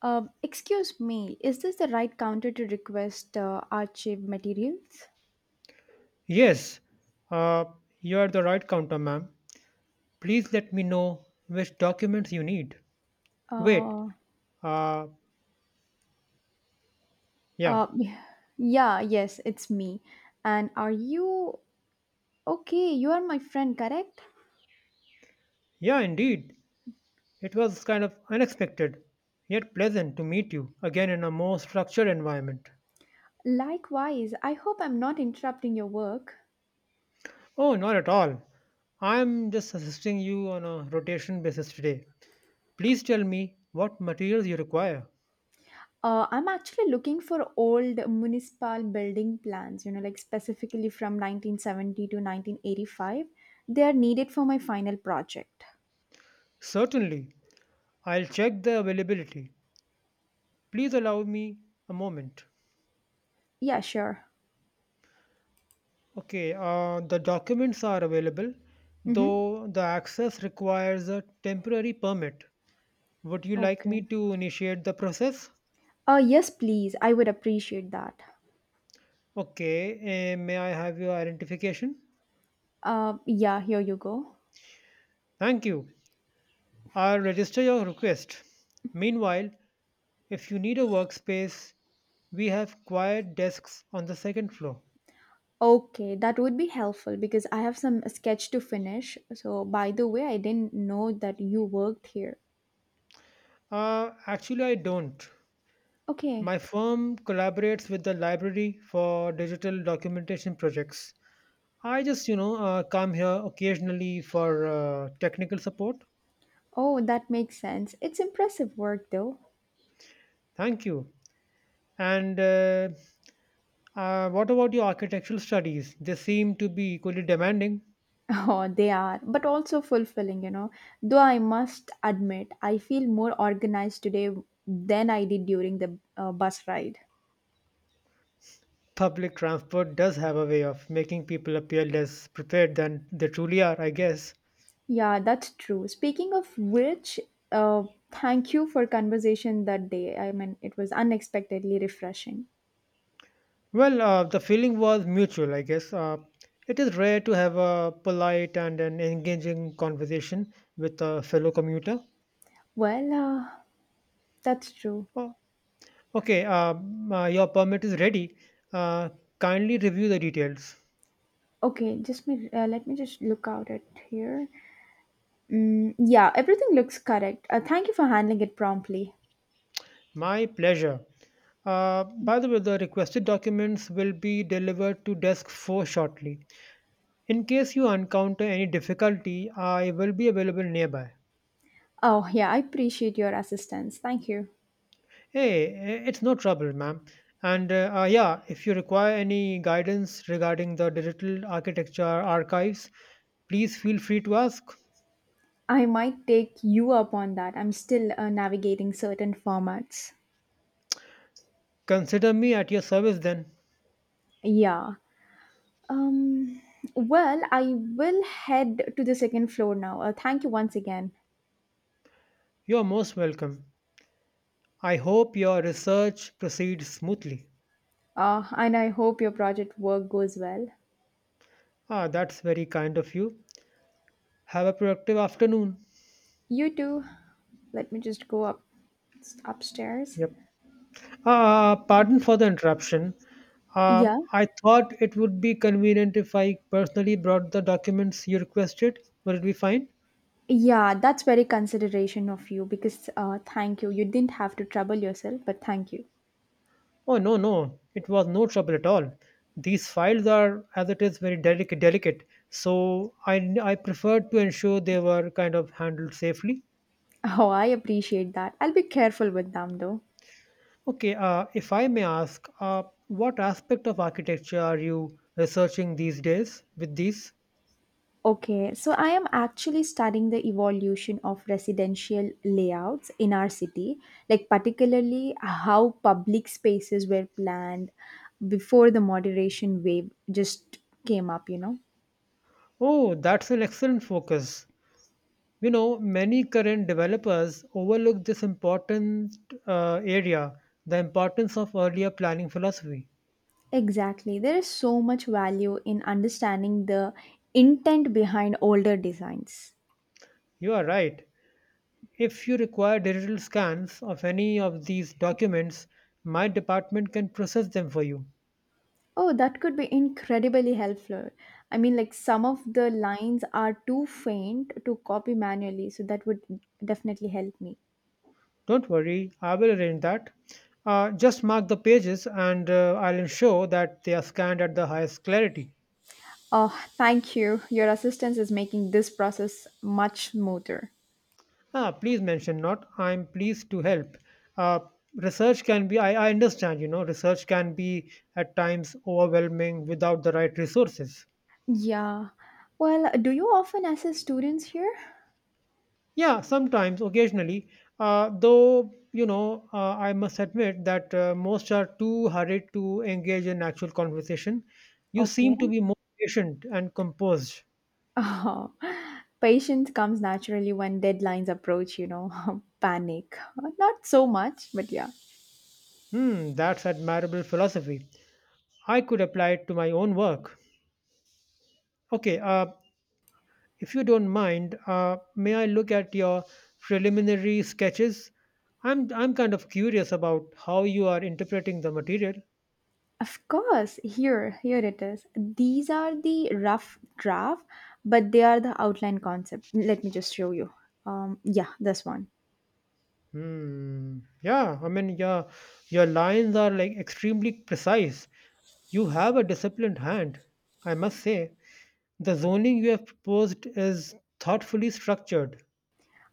Excuse me, is this the right counter to request archive materials? Yes, uh, you are the right counter, ma'am. Please let me know which documents you need. Wait, Uh, uh, yeah, uh, yeah, yes, it's me. And are you okay? You are my friend, correct? yeah, indeed. It was kind of unexpected, yet pleasant to meet you again in a more structured environment. Likewise, I hope I'm not interrupting your work. Oh, not at all. I'm just assisting you on a rotation basis today. Please tell me what materials you require. I'm actually looking for old municipal building plans, you know, like specifically from 1970 to 1985. They are needed for my final project. Certainly, I'll check the availability. Please allow me a moment. Yeah, sure. Okay, the documents are available, Mm-hmm. though the access requires a temporary permit. Would you like me Okay. to initiate the process? Yes, please. I would appreciate that. Okay, may I have your identification? Yeah, here you go. Thank you. I'll register your request. Meanwhile, if you need a workspace, we have quiet desks on the second floor. Okay, that would be helpful because I have some sketch to finish. So, by the way, I didn't know that you worked here. Actually, I don't. Okay. My firm collaborates with the library for digital documentation projects. I just, come here occasionally for technical support. Oh, that makes sense. It's impressive work, though. Thank you. And what about your architectural studies? They seem to be equally demanding. Oh, they are, but also fulfilling. Though I must admit, I feel more organized today than I did during the bus ride. Public transport does have a way of making people appear less prepared than they truly are, I guess. Yeah, that's true. Speaking of which, uh, thank you for conversation that day. I mean, it was unexpectedly refreshing. Well, the feeling was mutual, I guess. It is rare to have a polite and an engaging conversation with a fellow commuter. Well, that's true. Uh, Okay, your permit is ready. Uh, Kindly review the details. Okay, just me. Let me just look out at here. Mm, yeah, everything looks correct. Thank you for handling it promptly. My pleasure. By the way, the requested documents will be delivered to desk 4 shortly. In case you encounter any difficulty, I will be available nearby. Oh yeah, I appreciate your assistance. Thank you. Hey, it's no trouble, ma'am. And yeah, if you require any guidance regarding the digital architecture archives, please feel free to ask. I might take you up on that. I'm still navigating certain formats. Consider me at your service then. Yeah. Um, well, I will head to the second floor now. Thank you once again. You're most welcome. I hope your research proceeds smoothly. And I hope your project work goes well. Ah, that's very kind of you. Have a productive afternoon. You too. Let me just go up upstairs. Yep. Pardon for the interruption. Uh, Yeah. I thought it would be convenient if I personally brought the documents you requested. Would it be fine? Yeah, that's very consideration of you because thank you. You didn't have to trouble yourself, but thank you. Oh, no, no. It was no trouble at all. These files are, as it is, very delicate. So I preferred to ensure they were kind of handled safely. Oh, I appreciate that. I'll be careful with them though. Okay, if I may ask, what aspect of architecture are you researching these days with these? Okay, so I am actually studying the evolution of residential layouts in our city, like particularly how public spaces were planned before the moderation wave just came up. Oh, that's an excellent focus. You know, many current developers overlook this important area, the importance of earlier planning philosophy. Exactly. There is so much value in understanding the intent behind older designs. You are right. If you require digital scans of any of these documents, my department can process them for you. Oh, that could be incredibly helpful. I mean, like some of the lines are too faint to copy manually, so that would definitely help me. Don't worry, I will arrange that. Just mark the pages and I'll ensure that they are scanned at the highest clarity. Oh, thank you. Your assistance is making this process much smoother. Ah, please mention not. I'm pleased to help. Uh, research can be, I understand, research can be at times overwhelming without the right resources. Yeah. Well, do you often assist students here? Yeah, sometimes, occasionally. Though, you know, I must admit that most are too hurried to engage in actual conversation. You Okay. seem to be more patient and composed. Oh, patience comes naturally when deadlines approach, panic. Not so much, but yeah. Hmm, that's admirable philosophy. I could apply it to my own work. Okay, if you don't mind, may I look at your preliminary sketches? I'm kind of curious about how you are interpreting the material. Of course, here it is. These are the rough draft, but they are the outline concept. Let me just show you. Yeah, this one. Hmm. Yeah, I mean, yeah, your lines are like extremely precise. You have a disciplined hand, I must say. The zoning you have proposed is thoughtfully structured.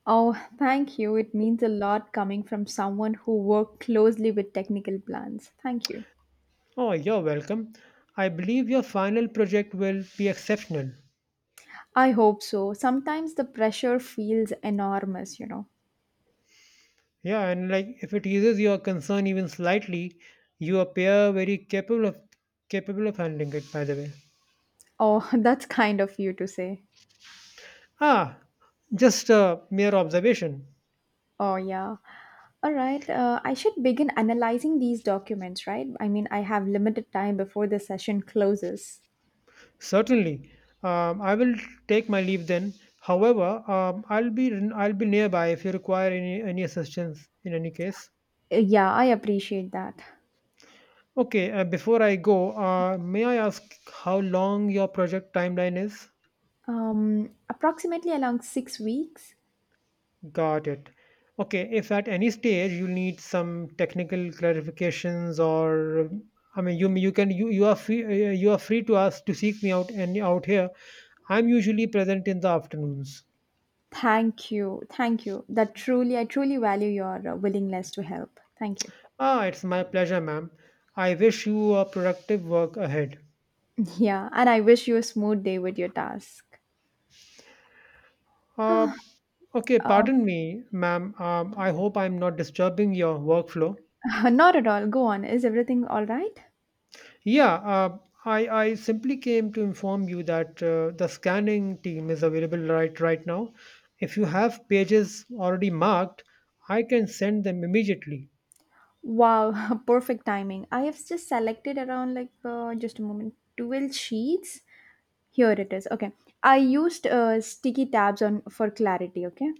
Oh, thank you. It means a lot coming from someone who worked closely with technical plans. Thank you. Oh, you're welcome. I believe your final project will be exceptional. I hope so. Sometimes the pressure feels enormous. Yeah, and like if it eases your concern even slightly, you appear very capable of handling it. By the way, Oh, that's kind of you to say. ah, just a mere observation. Oh, yeah. All right. I should begin analyzing these documents, right? I mean, I have limited time before the session closes. Certainly, I will take my leave then. However, I'll be nearby if you require any assistance in any case. Yeah, I appreciate that. Okay, before I go, may I ask how long your project timeline is? Approximately along 6 weeks. Got it. Okay, if at any stage you need some technical clarifications or I mean you are free you are free to ask to seek me out and out here. I'm usually present in the afternoons. Thank you. Thank you. That truly, I truly value your willingness to help. Thank you. Ah, it's my pleasure, ma'am. I wish you a productive work ahead. Yeah, and I wish you a smooth day with your task. Uh, okay, Uh, pardon me, ma'am. I hope I'm not disturbing your workflow. not at all. Go on. Is everything all right? Yeah, I simply came to inform you that the scanning team is available right now. If you have pages already marked, I can send them immediately. Wow, perfect timing. I have just selected around like just a moment, 12 sheets. Here it is. Okay. I used sticky tabs on for clarity, okay?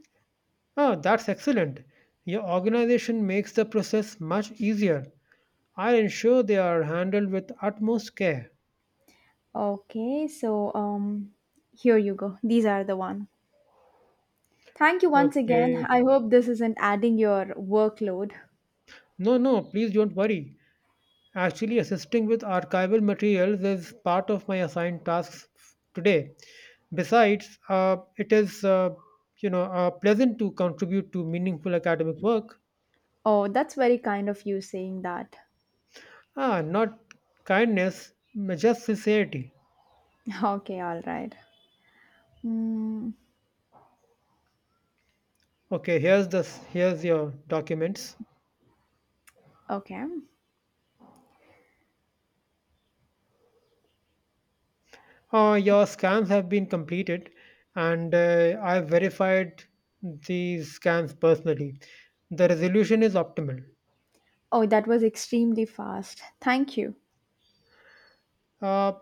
Ah, that's excellent. Your organization makes the process much easier. I'll ensure they are handled with utmost care. Okay, so here you go. These are the one. Thank you once again. Okay. I hope this isn't adding your workload. No, no, please don't worry. Actually, assisting with archival materials is part of my assigned tasks today. Besides, it is pleasant to contribute to meaningful academic work. Oh, that's very kind of you saying that. Ah, not kindness, just sincerity. Okay, all right. Mm, Okay, here's your documents. okay. Your scans have been completed, and I've verified these scans personally. The resolution is optimal. Oh, that was extremely fast. Thank you. Uh,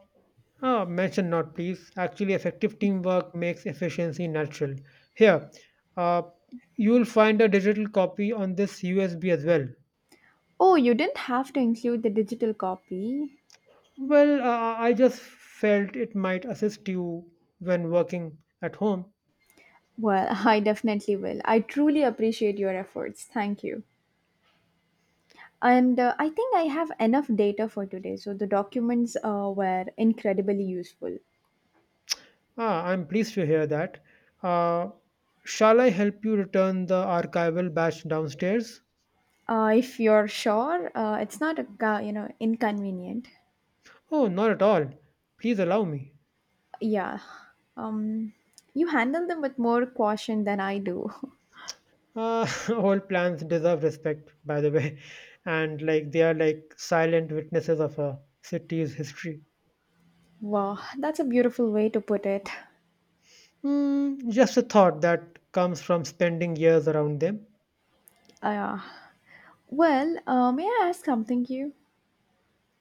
Mention not, please. Actually, effective teamwork makes efficiency natural. Here, uh, you will find a digital copy on this USB as well. Oh, you didn't have to include the digital copy. Well, I just felt it might assist you when working at home. Well, I definitely will. I truly appreciate your efforts. Thank you. And I think I have enough data for today, so the documents were incredibly useful. Ah, I'm pleased to hear that. Uh, Shall I help you return the archival batch downstairs? If you're sure, it's not you know inconvenient. Oh, not at all. Please allow me. Yeah. Um, you handle them with more caution than I do. Uh, all plants deserve respect, by the way, and like they are like silent witnesses of a city's history. Wow, that's a beautiful way to put it. Mm, just a thought that comes from spending years around them. Uh, well, may I ask something to you?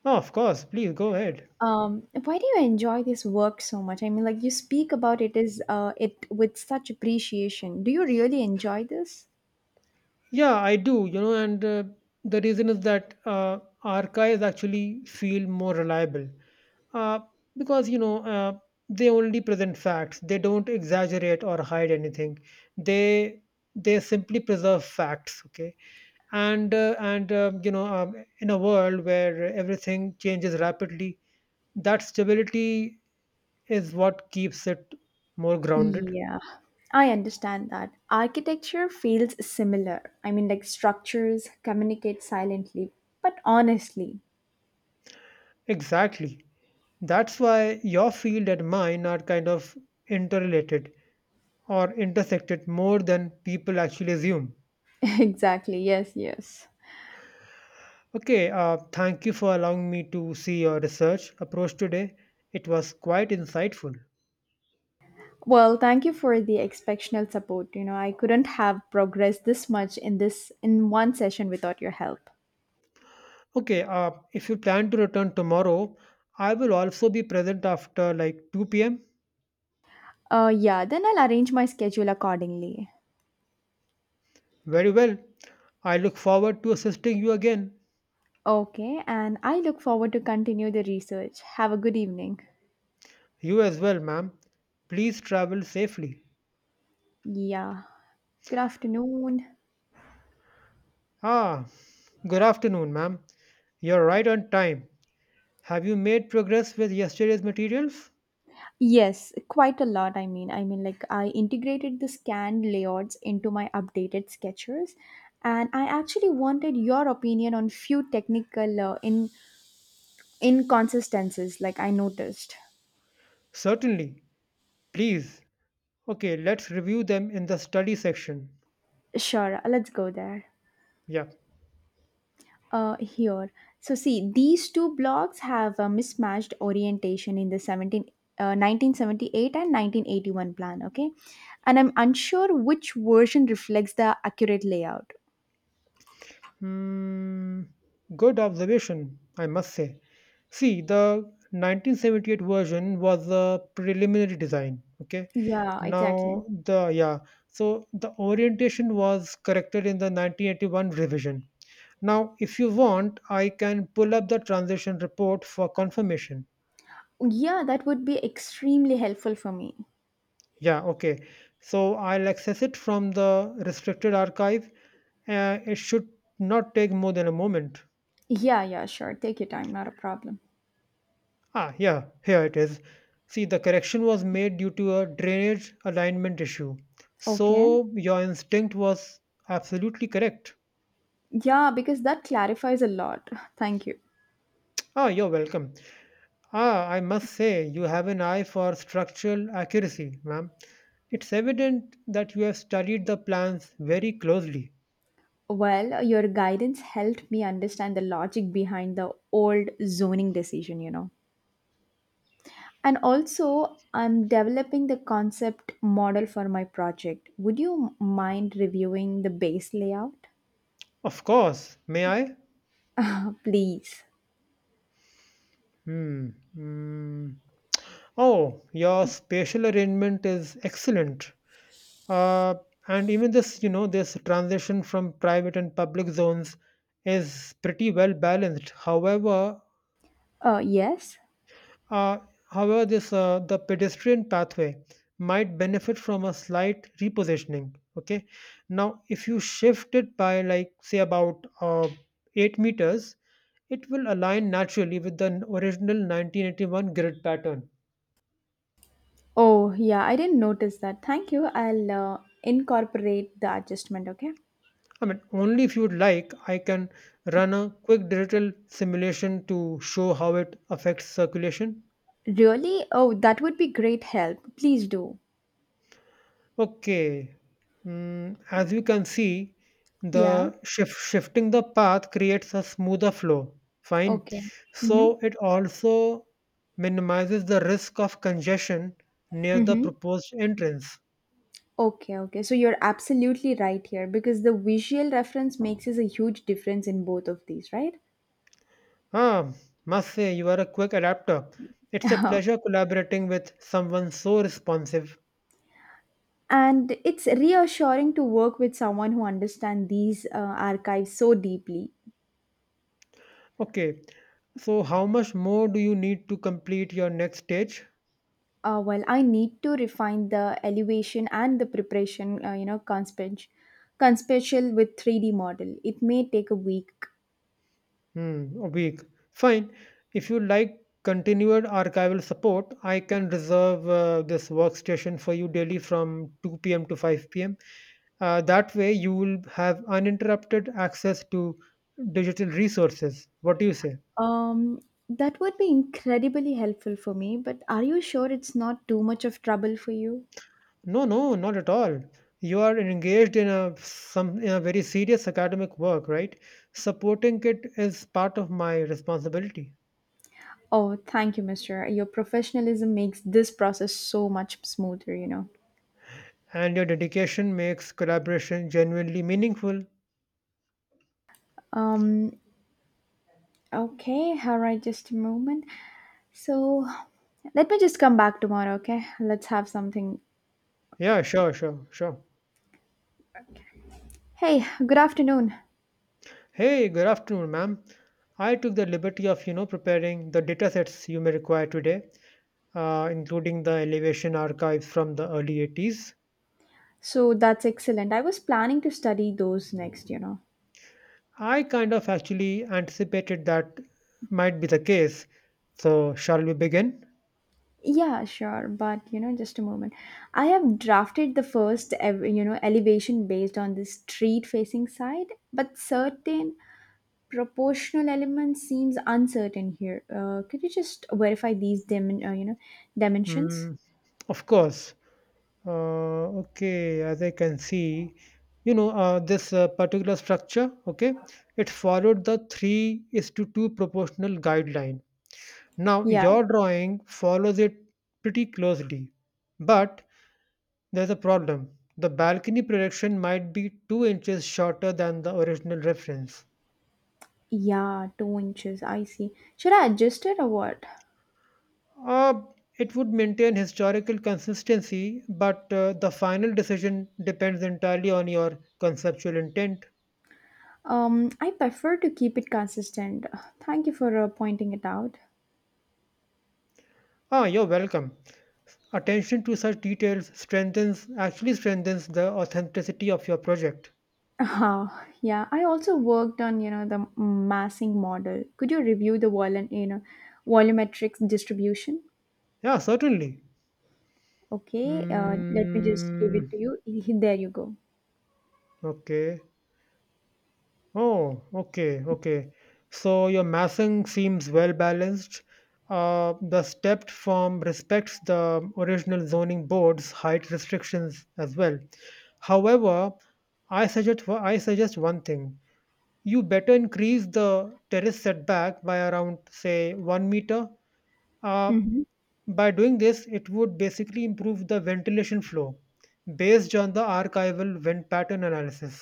Oh, of course, please go ahead. Why do you enjoy this work so much? I mean, like you speak about it is it with such appreciation. Do you really enjoy this? Yeah, I do, you know, and the reason is that archives actually feel more reliable uh, because, you know, they only present facts. They don't exaggerate or hide anything. They they simply preserve facts, okay, and in a world where everything changes rapidly, that stability is what keeps it more grounded. Yeah, I understand that. Architecture feels similar. I mean, like structures communicate silently, but honestly. Exactly, that's why your field and mine are kind of interrelated or intersected more than people actually assume. Exactly. Yes. Yes. Okay, thank you for allowing me to see your research approach today. It was quite insightful. Well, thank you for the exceptional support. You know, I couldn't have progressed this much in one session without your help. Okay, if you plan to return tomorrow, I will also be present after like 2 pm. Yeah, then I'll arrange my schedule accordingly. Very well. I look forward to assisting you again. Okay, and I look forward to continue the research. Have a good evening. You as well, ma'am. Please travel safely. Yeah. Good afternoon. Ah, good afternoon, ma'am. You're right on time. Have you made progress with yesterday's materials? Yes, quite a lot. I mean, like I integrated the scanned layouts into my updated sketches, and I actually wanted your opinion on few technical in inconsistencies like I noticed. Certainly. Please. Okay, let's review them in the study section. Sure, let's go there. Yeah. Here. So see these two blocks have a mismatched orientation in the 17 1978 and 1981 plan, okay? And I'm unsure which version reflects the accurate layout. Hmm, good observation, I must say. See, the 1978 version was a preliminary design. Okay. Yeah, exactly. Now, so the orientation was corrected in the 1981 revision. Now, if you want, I can pull up the transition report for confirmation. Yeah, that would be extremely helpful for me. Yeah, okay. So I'll access it from the restricted archive. It should not take more than a moment. Yeah, yeah, sure, take your time, not a problem. Ah, yeah, here it is. See, the correction was made due to a drainage alignment issue. Okay. So, your instinct was absolutely correct. Yeah, because that clarifies a lot. Thank you. Ah, you're welcome. Ah, I must say, you have an eye for structural accuracy, ma'am. It's evident that you have studied the plans very closely. Well, your guidance helped me understand the logic behind the old zoning decision. And also, I'm developing the concept model for my project. Would you mind reviewing the base layout? Of course, may I? Please. Hmm. Hmm. Oh, your spatial arrangement is excellent. Uh, and even this, you know, this transition from private and public zones is pretty well balanced. However, Yes. uh, however, this the pedestrian pathway might benefit from a slight repositioning. Okay, now if you shift it by like say about 8 meters, it will align naturally with the original 1981 grid pattern. Oh, yeah, I didn't notice that. Thank you. I'll incorporate the adjustment, okay? I mean, only if you'd like, I can run a quick digital simulation to show how it affects circulation. Really? Oh, that would be great help. Please do. Okay, mm, as you can see, Yeah. Shifting the path creates a smoother flow. Fine. Okay. Mm-hmm. So it also minimizes the risk of congestion near the Mm-hmm. proposed entrance. Okay, okay. So you're absolutely right here because the visual reference makes us a huge difference in both of these, right? Ah, must say you are a quick adapter. It's a pleasure collaborating with someone so responsive. And it's reassuring to work with someone who understands these archives so deeply. Okay. So how much more do you need to complete your next stage? Well, I need to refine the elevation and the preparation, you know, conspecial with 3D model. It may take a week. Hmm, a week. Fine. If you like continued archival support, I can reserve this workstation for you daily from 2 p.m. to 5 p.m. That way you will have uninterrupted access to digital resources. What do you say? Um, that would be incredibly helpful for me, but are you sure it's not too much of trouble for you? No, no, not at all. You are engaged in a some in a very serious academic work, right? Supporting it is part of my responsibility. Oh, thank you, Mr. Your professionalism makes this process so much smoother. And your dedication makes collaboration genuinely meaningful. Um, okay, all right, just a moment. So, let me just come back tomorrow, okay? Let's have something. Yeah, sure, sure, sure. Hey, good afternoon. Hey, good afternoon, ma'am. I took the liberty of, you know, preparing the datasets you may require today, including the elevation archives from the early 80s. So, that's excellent. I was planning to study those next. I kind of actually anticipated that might be the case. So, shall we begin? Yeah, sure, but just a moment. I have drafted the first, elevation based on this street facing side, but certain proportional element seems uncertain here. Could you just verify these dimensions? Mm, of course. Okay, as I can see, you know, this particular structure, okay, it followed the 3 is to 2 proportional guideline. Now, Yeah, your drawing follows it pretty closely, but there's a problem. The balcony projection might be 2 inches shorter than the original reference. yeah, 2 inches. I see. Should I adjust it or what? Uh, it would maintain historical consistency, but the final decision depends entirely on your conceptual intent. I prefer to keep it consistent. Thank you for pointing it out. Ah, you're welcome. Attention to such details strengthens the authenticity of your project. Ah, yeah, I also worked on the massing model. Could you review the volumetric distribution? Yeah, certainly. Okay, let me just give it Mm, to you. There you go. okay. Oh, okay, okay. So your massing seems well balanced. The stepped form respects the original zoning board's height restrictions as well. However, I suggest one thing: you better increase the terrace setback by around say 1 meter. uh, Mhm. By doing this, it would basically improve the ventilation flow based on the archival vent pattern analysis.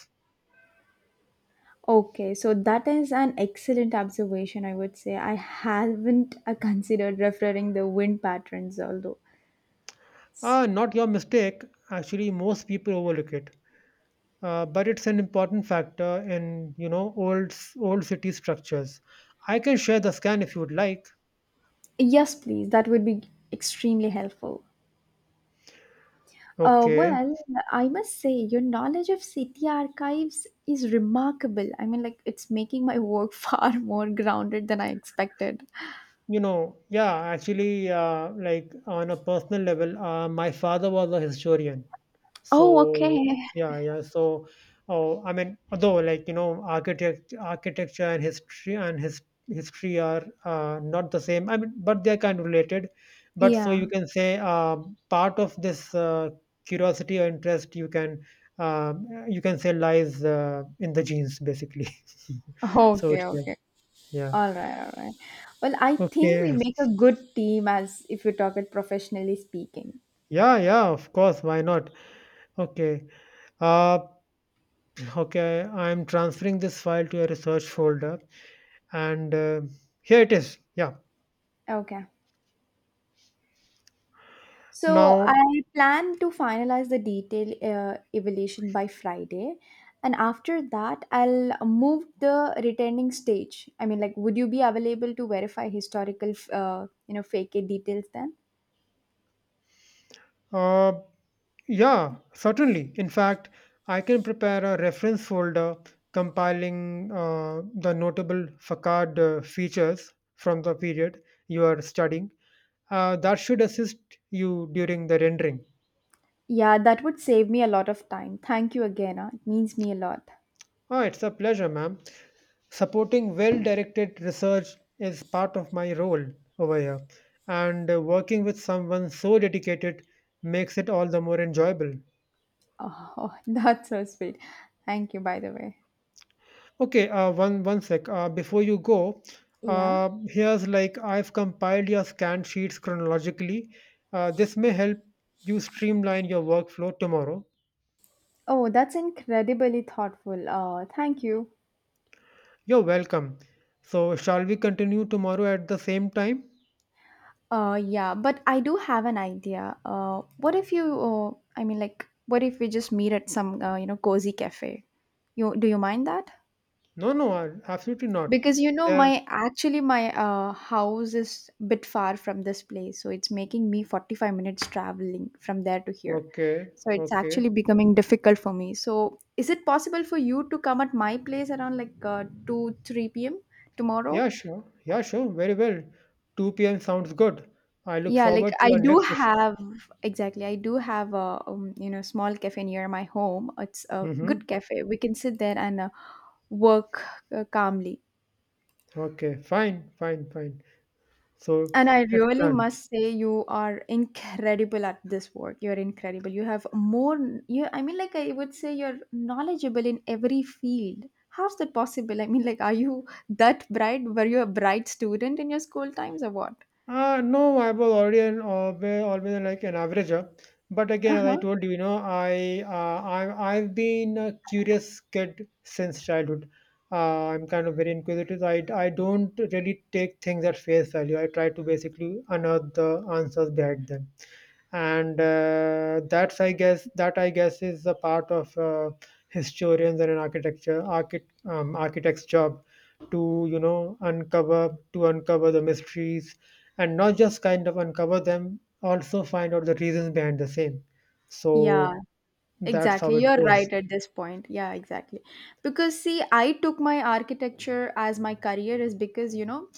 Okay, so that is an excellent observation, I would say. I haven't considered referring the wind patterns, although. Ah, not your mistake. Actually, most people overlook it, but it's an important factor in you know old city structures. I can share the scan if you would like. Yes, please, that would be extremely helpful. Okay. Well, I must say, your knowledge of city archives is remarkable. I mean, like, it's making my work far more grounded than I expected. You know, yeah, actually, like on a personal level, my father was a historian. Oh, So okay. yeah, yeah. So oh, I mean, although like you know, architecture and history are not the same. I mean, but they're kind of related. But so Yeah. you can say part of this curiosity or interest you can say lies in the genes basically. So Okay, it's like okay. yeah, All right, all right. Well, I think we okay, make a good team as if we talk it professionally speaking. yeah, yeah. Of course, why not? Okay. Uh, okay, I'm transferring this file to a research folder. And here it is, yeah. Okay. So Now, I plan to finalize the detail evaluation by Friday, and after that, I'll move the returning stage. I mean, like, would you be available to verify historical, fake it details then? uh, yeah, certainly. In fact, I can prepare a reference folder compiling the notable facade features from the period you are studying. That should assist you during the rendering. Yeah, that would save me a lot of time. Thank you again. It means me a lot. Oh, it's a pleasure, ma'am. Supporting well directed research is part of my role over here. And working with someone so dedicated makes it all the more enjoyable. Oh, that's so sweet. Thank you, by the way. Okay, one sec. Before you go, Yeah. Here's like I've compiled your scan sheets chronologically. This may help you streamline your workflow tomorrow. Oh, that's incredibly thoughtful. Thank you. You're welcome. So, shall we continue tomorrow at the same time? Yeah, but I do have an idea. What if you, I mean, like, what if we just meet at some, you know, cozy cafe? You do you mind that? No, no, absolutely not. Because There. my house is a bit far from this place, so it's making me 45 minutes traveling from there to here. Okay, So it's okay. actually becoming difficult for me. So is it possible for you to come at my place around like 2 3 p.m. tomorrow? Yeah, sure. Yeah, sure. Very well. 2 p.m. sounds good. I look Yeah, like forward to I our do next session. have exactly. I do have a small cafe near my home. It's a Mm-hmm. good cafe. We can sit there and work calmly. Okay, fine, fine, fine. So And I it's really done. must say, you are incredible at this work. You're incredible. You have more. I mean, like I would say, you're knowledgeable in every field. How's that possible? I mean, like, are you that bright? Were you a bright student in your school times or what? No, I was always like an averager. But again, Uh as I huh. told you, you know, I've been a curious kid since childhood. I'm kind of very inquisitive. I don't really take things at face value. I try to basically unearth the answers behind them, and that's I guess that I guess is a part of historians and an architecture architect, architect's job, to uncover the mysteries, and not just kind of uncover them, also find out the reasons behind the same. Yeah, So that's how exactly, it you're goes. right at this point. Yeah, exactly. Because see, I took my architecture as my career is because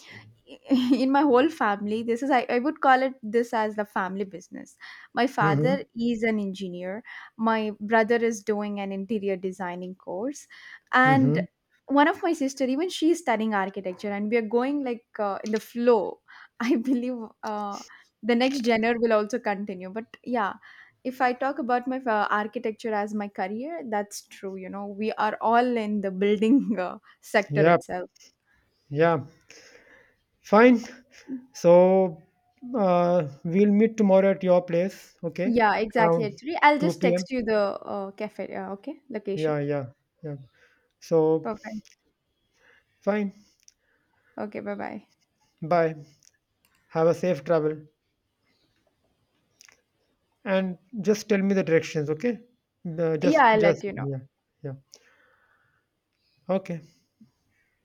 in my whole family this is I would call it this as the family business. My Mm-hmm. father is an engineer. My brother is doing an interior designing course. And Mm-hmm. one of my sister even she is studying architecture, and we are going like in the flow. I believe uh, the next genre will also continue, but yeah, if I talk about my architecture as my career, that's true. You know, we are all in the building sector Yep, itself. yeah, fine. So we'll meet tomorrow at your place, okay? Yeah, exactly. Around Actually, I'll just 2 p.m. text you the cafe. Okay, location. Yeah, yeah, yeah. So, Perfect. fine. Okay, bye bye. Bye. Have a safe travel. And just tell me the directions, okay? The- just, Yeah, I'll just, let you know. yeah, yeah. Okay.